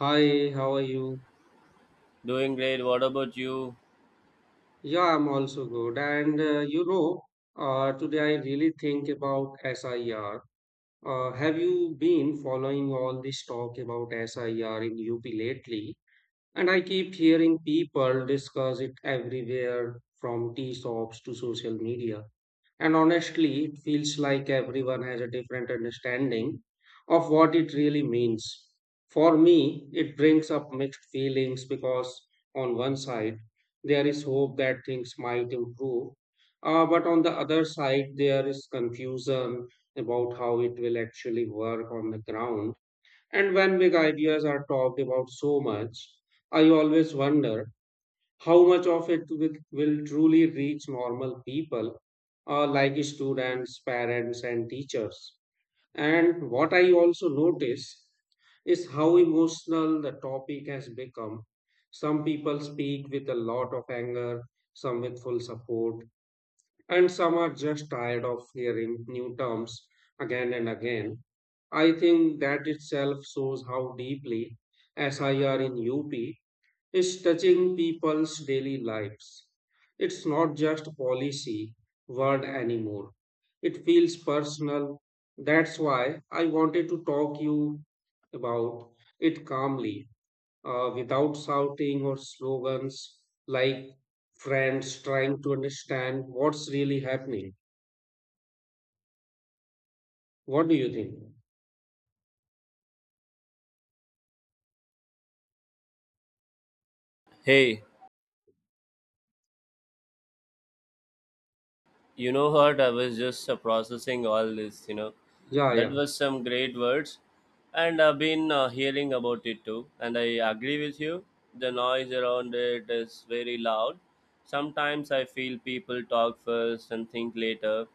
Hi, how are you? Doing great. What about you? Yeah, I'm also good. Today I really think about SIR. Have you been following all this talk about SIR in UP lately? And I keep hearing people discuss it everywhere from tea shops to social media. And honestly, it feels like everyone has a different understanding of what it really means. For me, it brings up mixed feelings because, on one side, there is hope that things might improve, but on the other side, there is confusion about how it will actually work on the ground. And when big ideas are talked about so much, I always wonder how much of it will truly reach normal people like students, parents, and teachers? And what I also notice is how emotional the topic has become. Some people speak with a lot of anger, some with full support, and some are just tired of hearing new terms again and again. I think that itself shows how deeply SIR in UP is touching people's daily lives. It's not just a policy word anymore. It feels personal. That's why I wanted to talk you about it calmly, without shouting or slogans like friends trying to understand what's really happening. What do you think? Hey, you know what? I was just processing all this, you know. Yeah, That yeah. was some great words. And I've been hearing about it too. And I agree with you. The noise around it is very loud. Sometimes I feel people talk first and think later.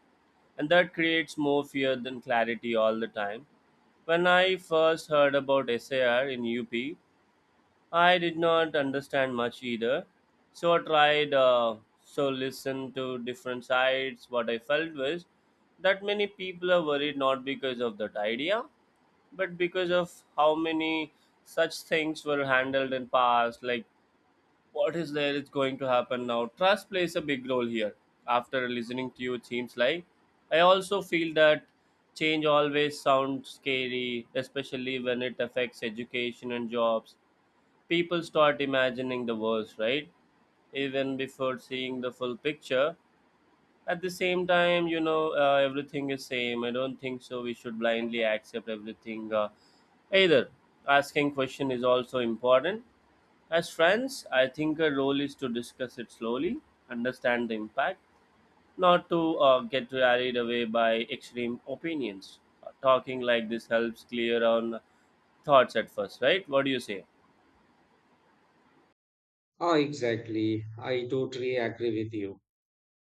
And that creates more fear than clarity all the time. When I first heard about SAR in UP, I did not understand much either. So I tried so listen to different sides. What I felt was that many people are worried not because of that idea, but because of how many such things were handled in past. Like what is there is going to happen now. Trust plays a big role here. After listening to you, it seems like I also feel that change always sounds scary, especially when it affects education and jobs people start imagining the worst, right? Even before seeing the full picture. At the same time, you know, everything is same. I don't think so. We should blindly accept everything. Either asking question is also important. As friends, I think our role is to discuss it slowly, understand the impact, not to get carried away by extreme opinions. Talking like this helps clear on thoughts at first, right? What do you say? Ah, exactly. I totally agree with you.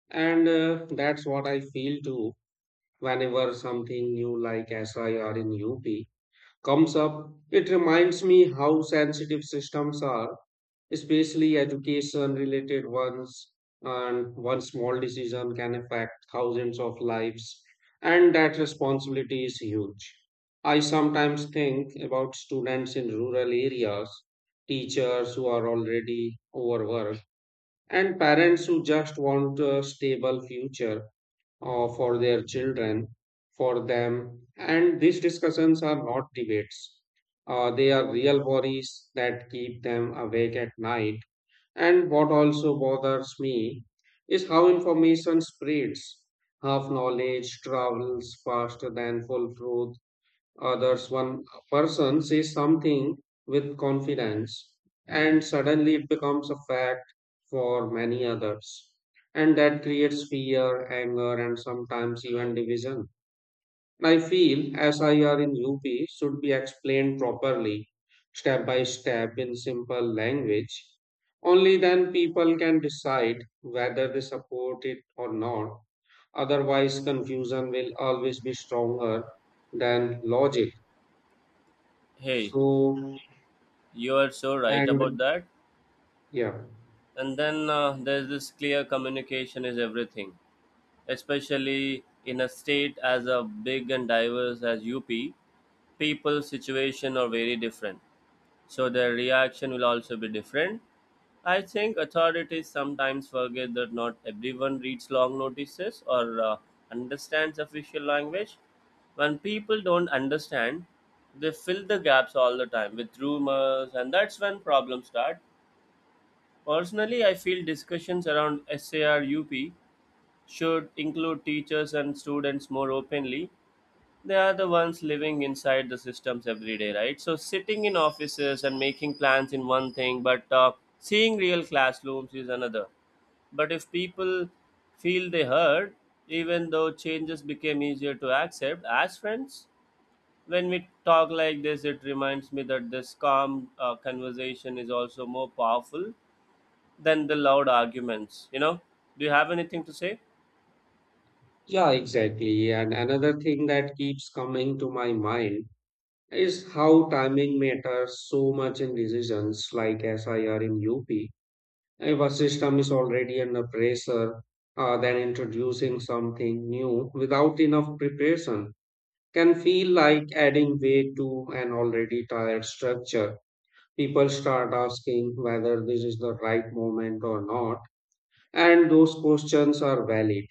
And that's what I feel too. Whenever something new like SI or in UP comes up, it reminds me how sensitive systems are, especially education related ones, and one small decision can affect thousands of lives, and that responsibility is huge. I sometimes think about students in rural areas, teachers who are already overworked, and parents who just want a stable future for their children, for them. And these discussions are not debates. They are real worries that keep them awake at night. And what also bothers me is how information spreads. Half knowledge travels faster than full truth. Others, one person says something with confidence and suddenly it becomes a fact for many others, and that creates fear, anger, and sometimes even division. I feel SIR in UP should be explained properly, step by step, in simple language. Only then people can decide whether they support it or not. Otherwise confusion will always be stronger than logic. Hey, so, you are so right about and that. yeah, And then there's this clear communication is everything, especially in a state as a big and diverse as UP. People's situation are very different, so their reaction will also be different. I think authorities sometimes forget that not everyone reads long notices or understands official language. When people don't understand, they fill the gaps all the time with rumors, and that's when problems start. Personally, I feel discussions around SARUP should include teachers and students more openly. They are the ones living inside the systems every day, right? So, sitting in offices and making plans in one thing, but seeing real classrooms is another. But if people feel they heard, even though changes became easier to accept as friends, when we talk like this, it reminds me that this calm conversation is also more powerful than the loud arguments. You know, do you have anything to say? yeah, exactly. And another thing that keeps coming to my mind is how timing matters so much in decisions like SIR in UP. If a system is already under pressure, then introducing something new without enough preparation can feel like adding weight to an already tired structure. People start asking whether this is the right moment or not. And those questions are valid.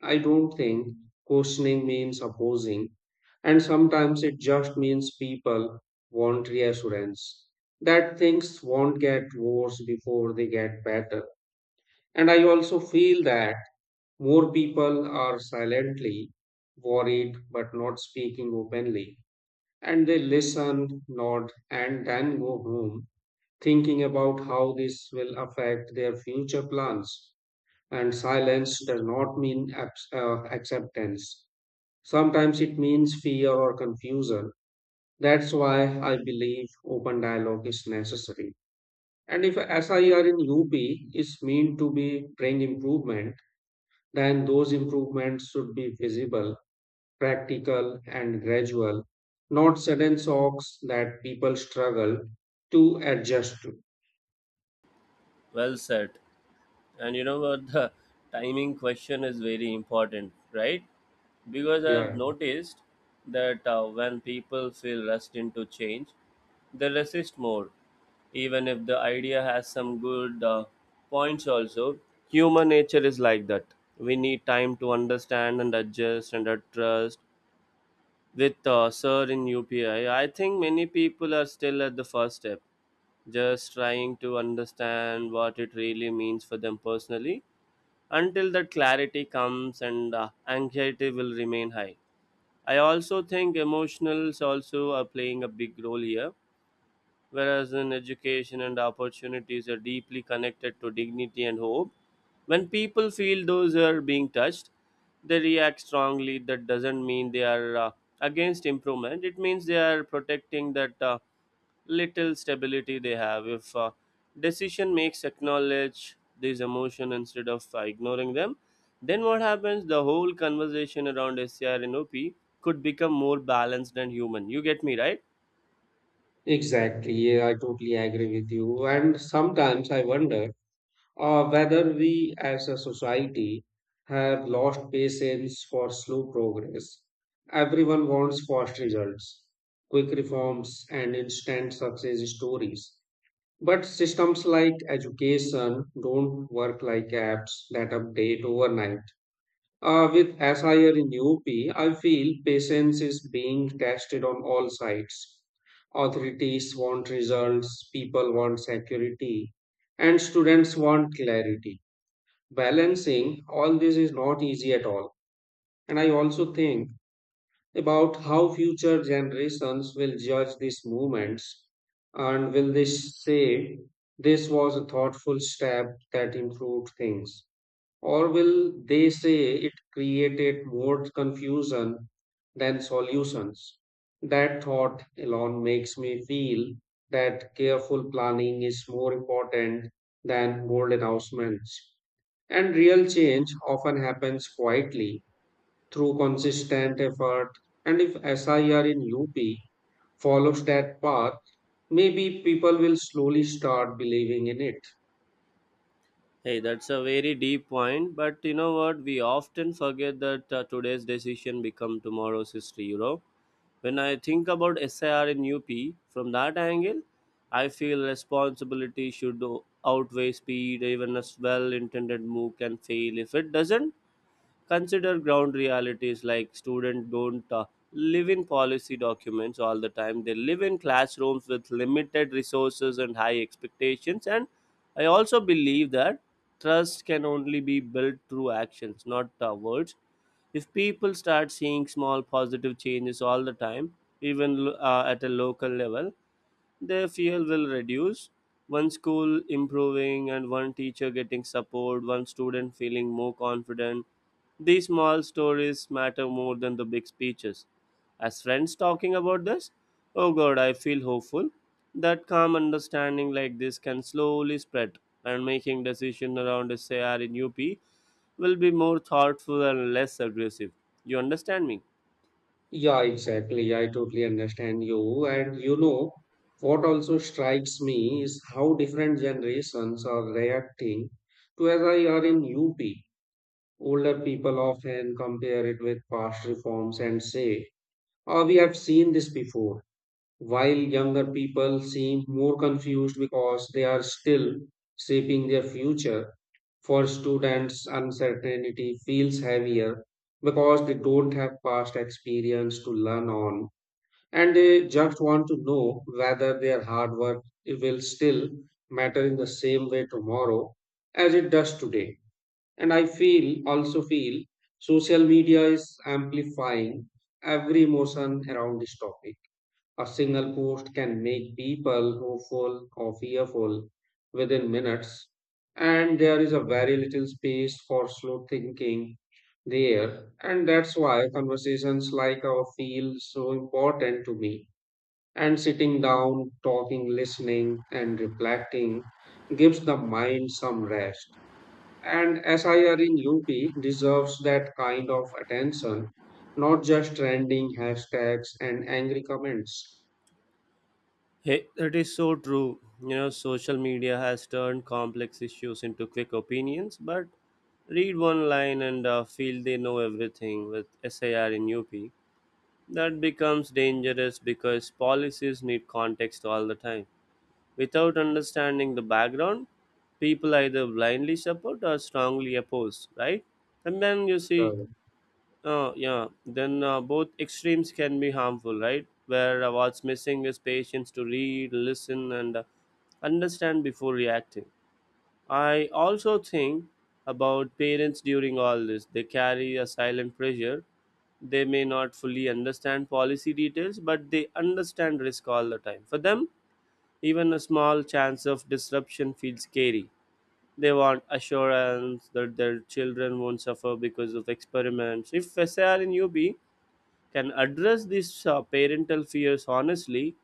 I don't think questioning means opposing, and sometimes it just means people want reassurance that things won't get worse before they get better. And I also feel that more people are silently worried but not speaking openly. And they listen, nod, and then go home thinking about how this will affect their future plans, and silence does not mean acceptance. Sometimes it means fear or confusion. That's why I believe open dialogue is necessary. And if SIR in UP is meant to be bring improvement, then those improvements should be visible, practical, and gradual, not sudden shocks that people struggle to adjust to. Well said. And you know what? The timing question is very important, right? Because I've Yeah, noticed that when people feel rushed into change, they resist more. Even if the idea has some good points, also, human nature is like that. We need time to understand and adjust and adjust. With Sir in UPI, I think many people are still at the first step just trying to understand what it really means for them personally. Until that clarity comes and anxiety will remain high. I also think emotionals also are playing a big role here, whereas in education and opportunities are deeply connected to dignity and hope. When people feel those are being touched, they react strongly. That doesn't mean they are against improvement. It means they are protecting that. Little stability they have if decision makes acknowledge these emotion instead of ignoring them then what happens the whole conversation around scr and op could become more balanced and human you get me right? exactly. Yeah, I totally agree with you. And sometimes I wonder whether we as a society have lost patience for slow progress. Everyone wants fast results, quick reforms, and instant success stories. But systems like education don't work like apps that update overnight. With SIR in UP, I feel patience is being tested on all sides. Authorities want results, people want security, and students want clarity. Balancing all this is not easy at all. And I also think about how future generations will judge these movements, and will they say this was a thoughtful step that improved things, or will they say it created more confusion than solutions? That thought alone makes me feel that careful planning is more important than bold announcements, and real change often happens quietly through consistent effort. And if SIR in UP follows that path, maybe people will slowly start believing in it. Hey, that's a very deep point, but you know what we often forget that today's decision become tomorrow's history, you know. When I think about SIR in UP from that angle, I feel responsibility should outweigh speed. Even a well intended move can fail if it doesn't. Consider ground realities like students don't live in policy documents all the time. They live in classrooms with limited resources and high expectations. And I also believe that trust can only be built through actions, not words if people start seeing small positive changes all the time even at a local level their fear will reduce. One school improving and one teacher getting support, one student feeling more confident. These small stories matter more than the big speeches. As friends talking about this, oh god, I feel hopeful that calm understanding like this can slowly spread and making decision around SAR in UP will be more thoughtful and less aggressive. You understand me? Yeah, exactly. I totally understand you. And you know, what also strikes me is how different generations are reacting to SIR in UP. Older people often compare it with past reforms and say, "Oh, we have seen this before," while younger people seem more confused because they are still shaping their future. For students, uncertainty feels heavier because they don't have past experience to learn on, and they just want to know whether their hard work will still matter in the same way tomorrow as it does today. And I feel also feel social media is amplifying every emotion around this topic. A single post can make people hopeful or fearful within minutes, and there is a very little space for slow thinking there. And that's why conversations like our feel so important to me. And sitting down, talking, listening, and reflecting gives the mind some rest. And SIR in UP deserves that kind of attention, not just trending hashtags and angry comments. Hey, that is so true. You know, social media has turned complex issues into quick opinions, but read one line and feel they know everything with SAR in UP. That becomes dangerous because policies need context all the time. Without understanding the background, people either blindly support or strongly oppose, right? And then you see Uh, oh, yeah. Then both extremes can be harmful, right? Where what's missing is patience to read, listen, and understand before reacting. I also think about parents during all this. They carry a silent pressure. They may not fully understand policy details, but they understand risk all the time. For them, even a small chance of disruption feels scary. They want assurance that their children won't suffer because of experiments. If SAR in UB can address these parental fears honestly,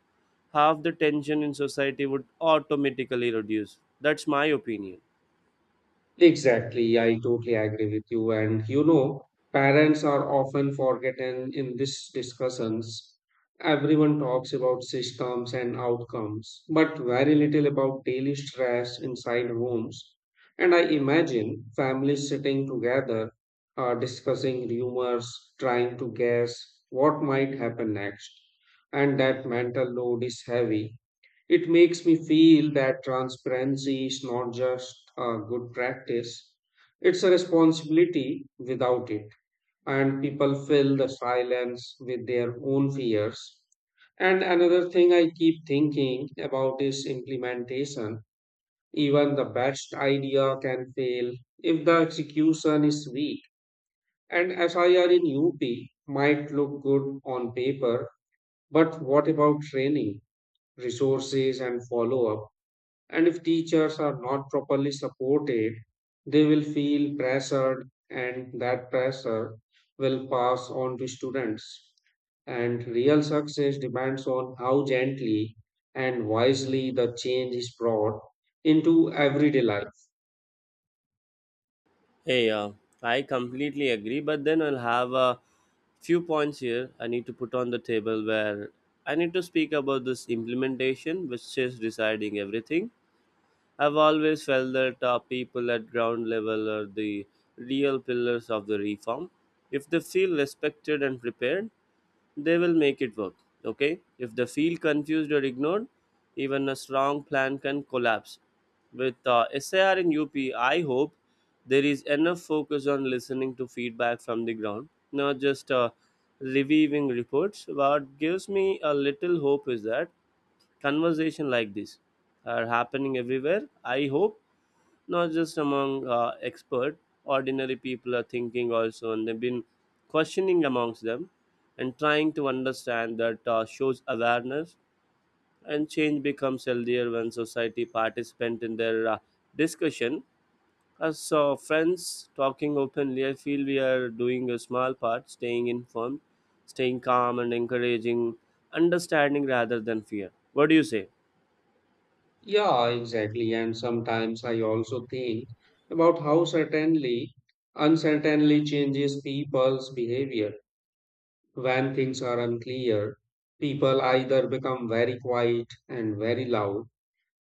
half the tension in society would automatically reduce. That's my opinion. Exactly, I totally agree with you. And you know, parents are often forgotten in these discussions. Everyone talks about systems and outcomes, but very little about daily stress inside homes. And I imagine families sitting together, discussing rumors, trying to guess what might happen next. And that mental load is heavy. It makes me feel that transparency is not just a good practice, it's a responsibility without it. And people fill the silence with their own fears. And another thing I keep thinking about is implementation. Even the best idea can fail if the execution is weak. And SIR in UP might look good on paper, but what about training, resources, and follow up? And if teachers are not properly supported, they will feel pressured, and that pressure will pass on to students. And real success depends on how gently and wisely the change is brought into everyday life. Hey, I completely agree, but then I'll have a few points here I need to put on the table where I need to speak about this implementation, which is deciding everything. I've always felt that people at ground level are the real pillars of the reform. If they feel respected and prepared, they will make it work. Okay, if they feel confused or ignored, even a strong plan can collapse. With SAR and UP, I hope there is enough focus on listening to feedback from the ground, not just reviewing reports. What gives me a little hope is that conversation like this are happening everywhere. I hope not just among expert ordinary people are thinking also and they've been questioning amongst them and trying to understand that shows awareness and change becomes healthier when society participant in their discussion as friends talking openly I feel we are doing a small part staying informed staying calm and encouraging understanding rather than fear. What do you say? Yeah, exactly. And sometimes I also think about how certainly, uncertainly changes people's behavior. When things are unclear, people either become very quiet and very loud.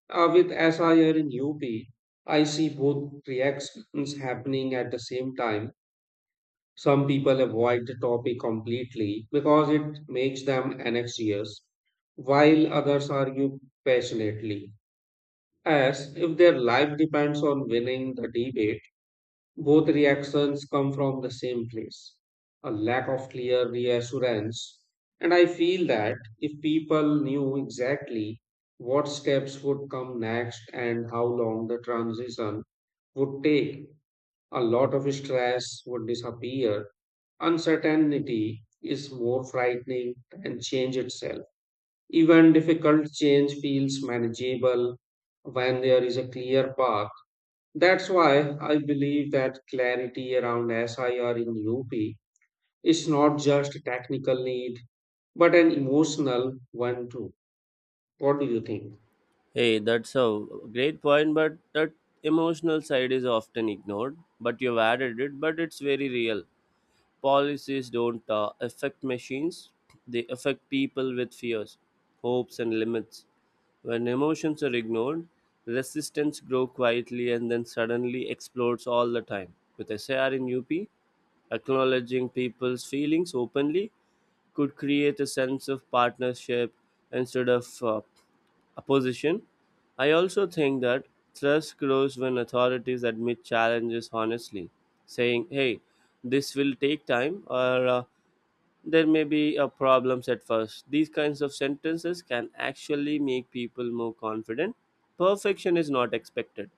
With SIR in UP, I see both reactions happening at the same time. Some people avoid the topic completely because it makes them anxious, while others argue passionately, as if their life depends on winning the debate. Both reactions come from the same place, a lack of clear reassurance. And I feel that if people knew exactly what steps would come next and how long the transition would take, a lot of stress would disappear. Uncertainty is more frightening than change itself. Even difficult change feels manageable when there is a clear path. That's why I believe that clarity around SIR in UP is not just a technical need, but an emotional one too. What do you think? Hey, that's a great point, but that emotional side is often ignored. But you've added it, but it's very real. Policies don't affect machines, they affect people with fears, hopes, and limits. When emotions are ignored, resistance grows quietly and then suddenly explodes all the time. With SAR in UP, acknowledging people's feelings openly could create a sense of partnership instead of opposition. I also think that trust grows when authorities admit challenges honestly, saying, hey, this will take time or there may be problems at first. These kinds of sentences can actually make people more confident. Perfection is not expected.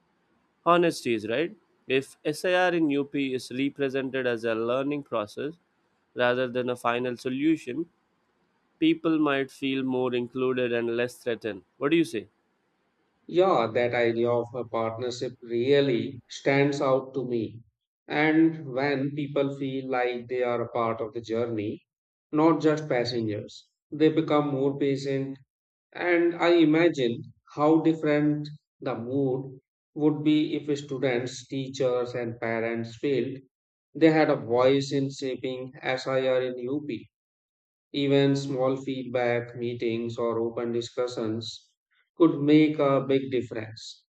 Honesty is right. If SIR in UP is represented as a learning process rather than a final solution, people might feel more included and less threatened. What do you say? Yeah, that idea of a partnership really stands out to me. And when people feel like they are a part of the journey, not just passengers, they become more patient. And I imagine how different the mood would be if students, teachers, and parents felt they had a voice in shaping SIR in UP. Even small feedback meetings or open discussions could make a big difference.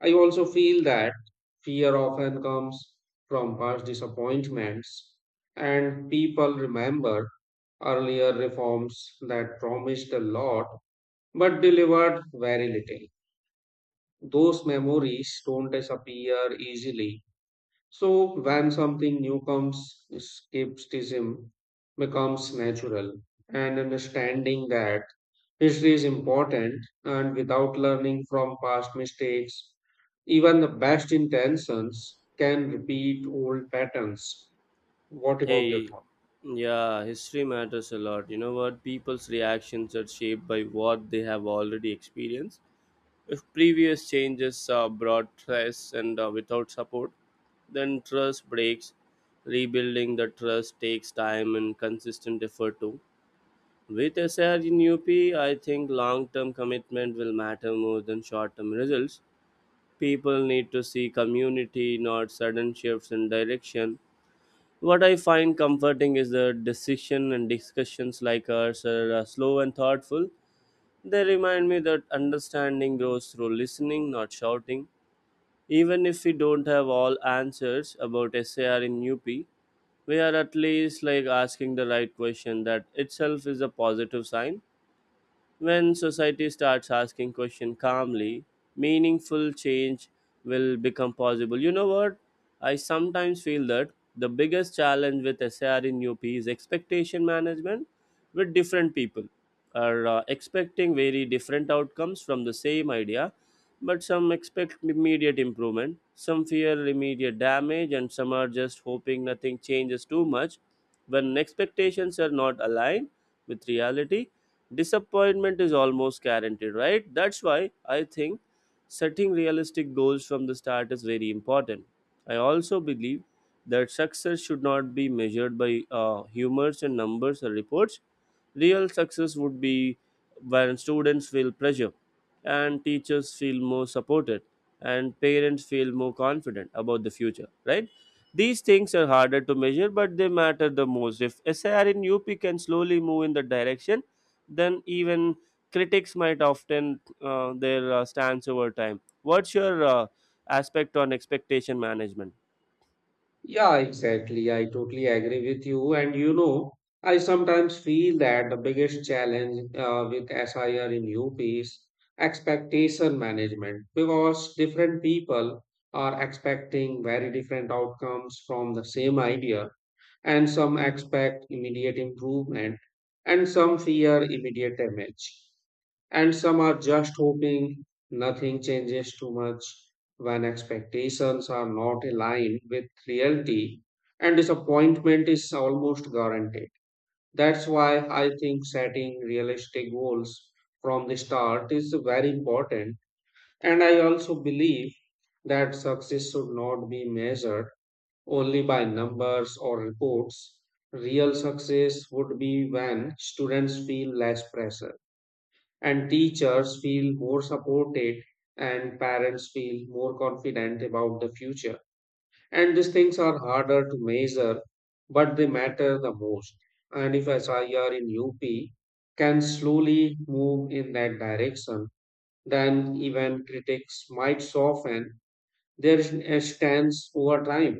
I also feel that fear often comes from past disappointments, and people remember earlier reforms that promised a lot but delivered very little. Those memories don't disappear easily. So, when something new comes, skepticism becomes natural, and understanding that history is important. And without learning from past mistakes, even the best intentions can repeat old patterns. What about your Hey, thoughts? yeah, history matters a lot. You know what? People's reactions are shaped by what they have already experienced. If previous changes brought stress and without support, then trust breaks. Rebuilding the trust takes time and consistent effort too. With SR in UP, I think long term commitment will matter more than short term results. People need to see community, not sudden shifts in direction. What I find comforting is the decision and discussions like ours are slow and thoughtful. They remind me that understanding grows through listening, not shouting. Even if we don't have all answers about SAR in UP, we are at least like asking the right question. That itself is a positive sign. When society starts asking questions calmly, meaningful change will become possible. You know what? I sometimes feel that the biggest challenge with SAR in UP is expectation management with different people are expecting very different outcomes from the same idea, but some expect immediate improvement, some fear immediate damage, and some are just hoping nothing changes too much. When expectations are not aligned with reality, disappointment is almost guaranteed, right? That's why I think setting realistic goals from the start is very important. I also believe that success should not be measured by humors and numbers or reports. Real success would be when students feel pressure and teachers feel more supported and parents feel more confident about the future, right? These things are harder to measure, but they matter the most. If SIR in UP can slowly move in the direction, then even critics might often their stance over time. What's your aspect on expectation management? Yeah, exactly. I totally agree with you. And you know, I sometimes feel that the biggest challenge with SIR in UP is expectation management because different people are expecting very different outcomes from the same idea, and some expect immediate improvement, and some fear immediate damage, and some are just hoping nothing changes too much. When expectations are not aligned with reality, and disappointment is almost guaranteed. That's why I think setting realistic goals from the start is very important. And I also believe that success should not be measured only by numbers or reports. Real success would be when students feel less pressure and teachers feel more supported and parents feel more confident about the future, and these things are harder to measure, but they matter the most. And if SIR in UP can slowly move in that direction, then even critics might soften their stance over time.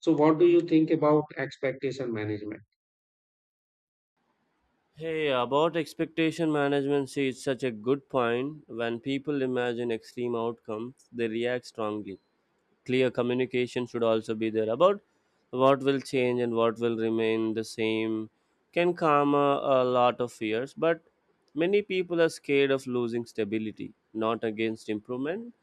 So what do you think about expectation management? Hey, about expectation management, see, it's such a good point. When people imagine extreme outcomes, they react strongly. Clear communication should also be there about what will change and what will remain the same. Can calm a lot of fears, but many people are scared of losing stability, not against improvement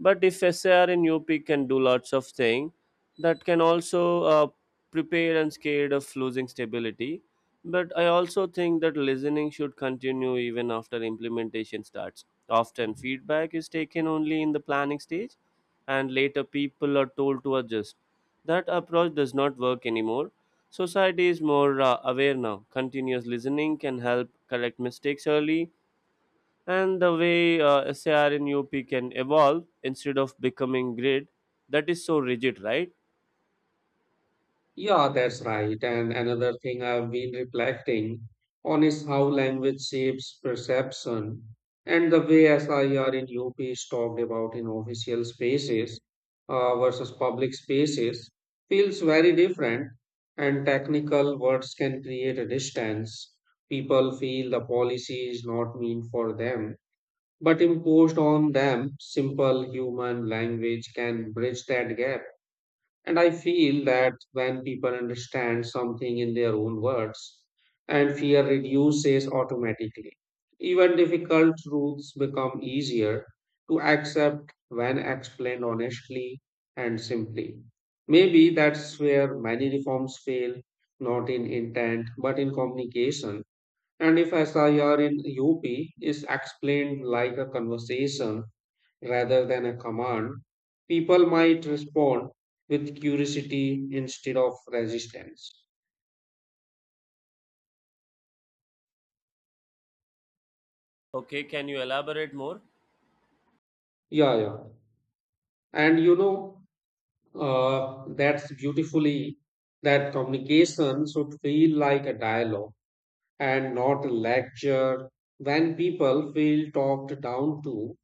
but if SAR in UP can do lots of thing, that can also prepare and scared of losing stability. But I also think that listening should continue even after implementation starts. Often feedback is taken only in the planning stage, and later people are told to adjust. That approach does not work anymore. Society is more aware now. Continuous listening can help correct mistakes early and the way SAR in UP can evolve instead of becoming grid that is so rigid, right? Yeah, that's right. And another thing I've been reflecting on is how language shapes perception, and the way SIR in UP is talked about in official spaces versus public spaces feels very different, and technical words can create a distance. People feel the policy is not meant for them, but imposed on them. Simple human language can bridge that gap. And I feel that when people understand something in their own words, and fear reduces automatically. Even difficult truths become easier to accept when explained honestly and simply. Maybe that's where many reforms fail, not in intent, but in communication. And if SIR in UP is explained like a conversation, rather than a command, people might respond with curiosity instead of resistance. Okay, can you elaborate more? Yeah, yeah. And you know, that's beautifully that communication should feel like a dialogue and not a lecture. When people feel talked down to,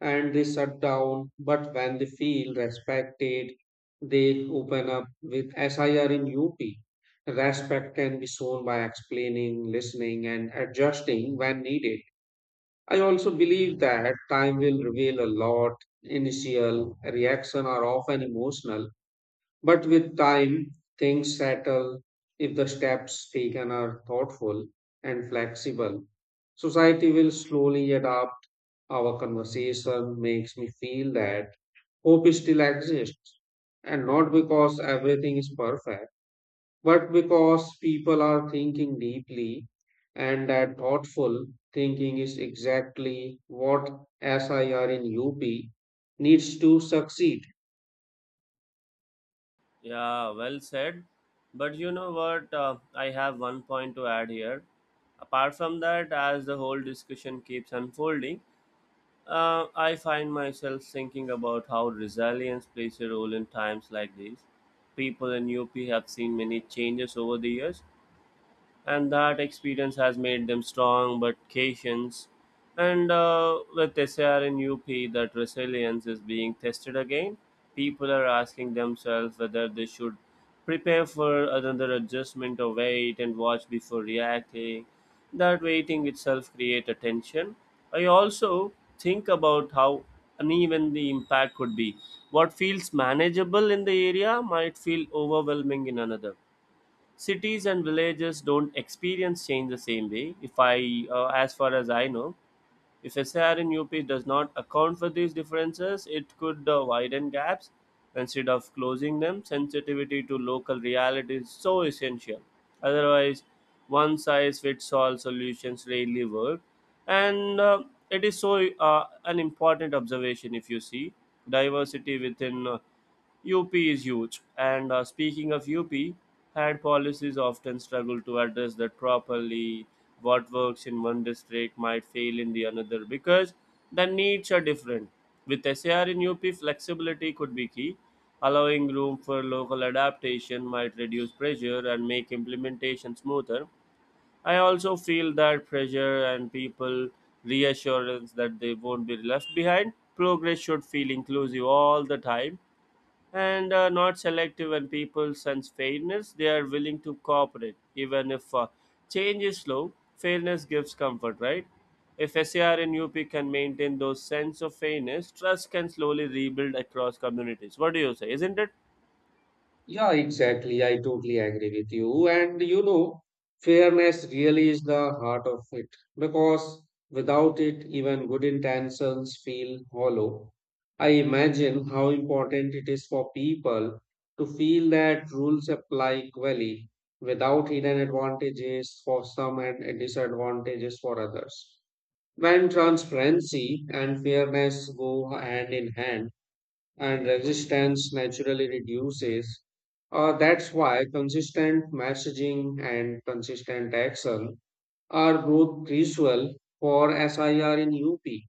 and they shut down. But when they feel respected, they open up with SIR in UP. Respect can be shown by explaining, listening, and adjusting when needed. I also believe that time will reveal a lot. Initial reaction are often emotional, but with time, things settle if the steps taken are thoughtful and flexible. Society will slowly adapt. Our conversation makes me feel that hope still exists. And not because everything is perfect, but because people are thinking deeply, and that thoughtful thinking is exactly what SIR in UP needs to succeed. Yeah, well said. But you know what? I have one point to add here. Apart from that, as the whole discussion keeps unfolding, I find myself thinking about how resilience plays a role in times like these. People in UP have seen many changes over the years, and that experience has made them strong but patient. And with SAR in UP, that resilience is being tested again. People are asking themselves whether they should prepare for another adjustment or wait and watch before reacting. That waiting itself creates a tension. I also think about how uneven the impact could be. What feels manageable in the area might feel overwhelming in another cities and villages don't experience change the same way if I as far as I know if sr in up does not account for these differences it could widen gaps instead of closing them sensitivity to local reality is so essential otherwise one size fits all solutions rarely work and it is so an important observation if you see diversity within UP is huge, and speaking of UP, had policies often struggle to address that properly. What works in one district might fail in the another because the needs are different. With SAR in UP, flexibility could be key. Allowing room for local adaptation might reduce pressure and make implementation smoother. I also feel that pressure and people reassurance that they won't be left behind. Progress should feel inclusive all the time and not selective when people sense fairness they are willing to cooperate even if change is slow fairness gives comfort, right? If SAR and UP can maintain those sense of fairness, trust can slowly rebuild across communities. What do you say? Isn't it? Yeah, exactly. I totally agree with you. And you know, fairness really is the heart of it because without it, even good intentions feel hollow. I imagine how important it is for people to feel that rules apply equally without hidden advantages for some and disadvantages for others. When transparency and fairness go hand in hand, and resistance naturally reduces. That's why consistent messaging and consistent action are both crucial for SIR in UP.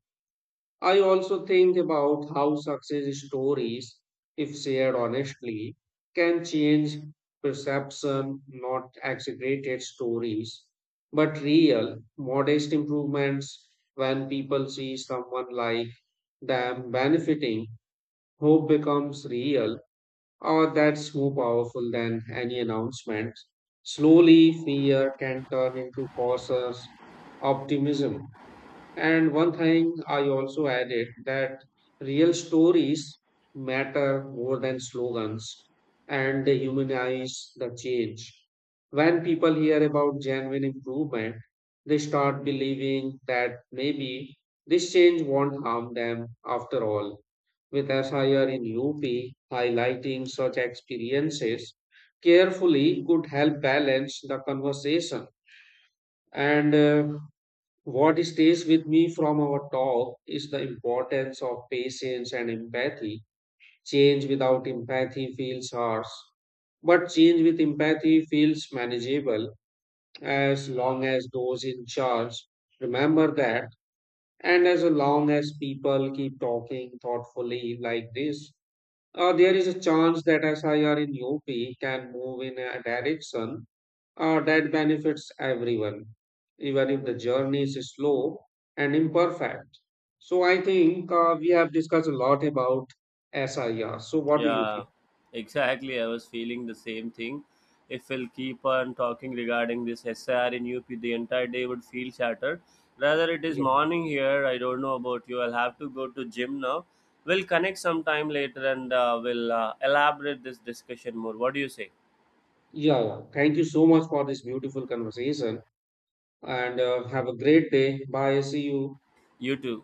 I also think about how success stories, if shared honestly, can change perception, not exaggerated stories, but real, modest improvements. When people see someone like them benefiting, hope becomes real, or that's more powerful than any announcement. Slowly, fear can turn into cautious optimism. And one thing I also added, that real stories matter more than slogans, and they humanize the change. When people hear about genuine improvement, they start believing that maybe this change won't harm them after all. With SIR in UP, highlighting such experiences carefully could help balance the conversation. And what stays with me from our talk is the importance of patience and empathy. Change without empathy feels harsh, but change with empathy feels manageable as long as those in charge remember that, and as long as people keep talking thoughtfully like this. There is a chance that SIR in UP can move in a direction that benefits everyone, even if the journey is slow and imperfect. So I think we have discussed a lot about SIR. So what do you Yeah, think? exactly. I was feeling the same thing. If we'll keep on talking regarding this SR in UP, the entire day would feel shattered. Rather, it is Yeah, morning here. I don't know about you. I'll have to go to gym now. We'll connect sometime later and we'll elaborate this discussion more. What do you say? yeah. Thank you so much for this beautiful conversation, and have a great day. Bye. See you. You too.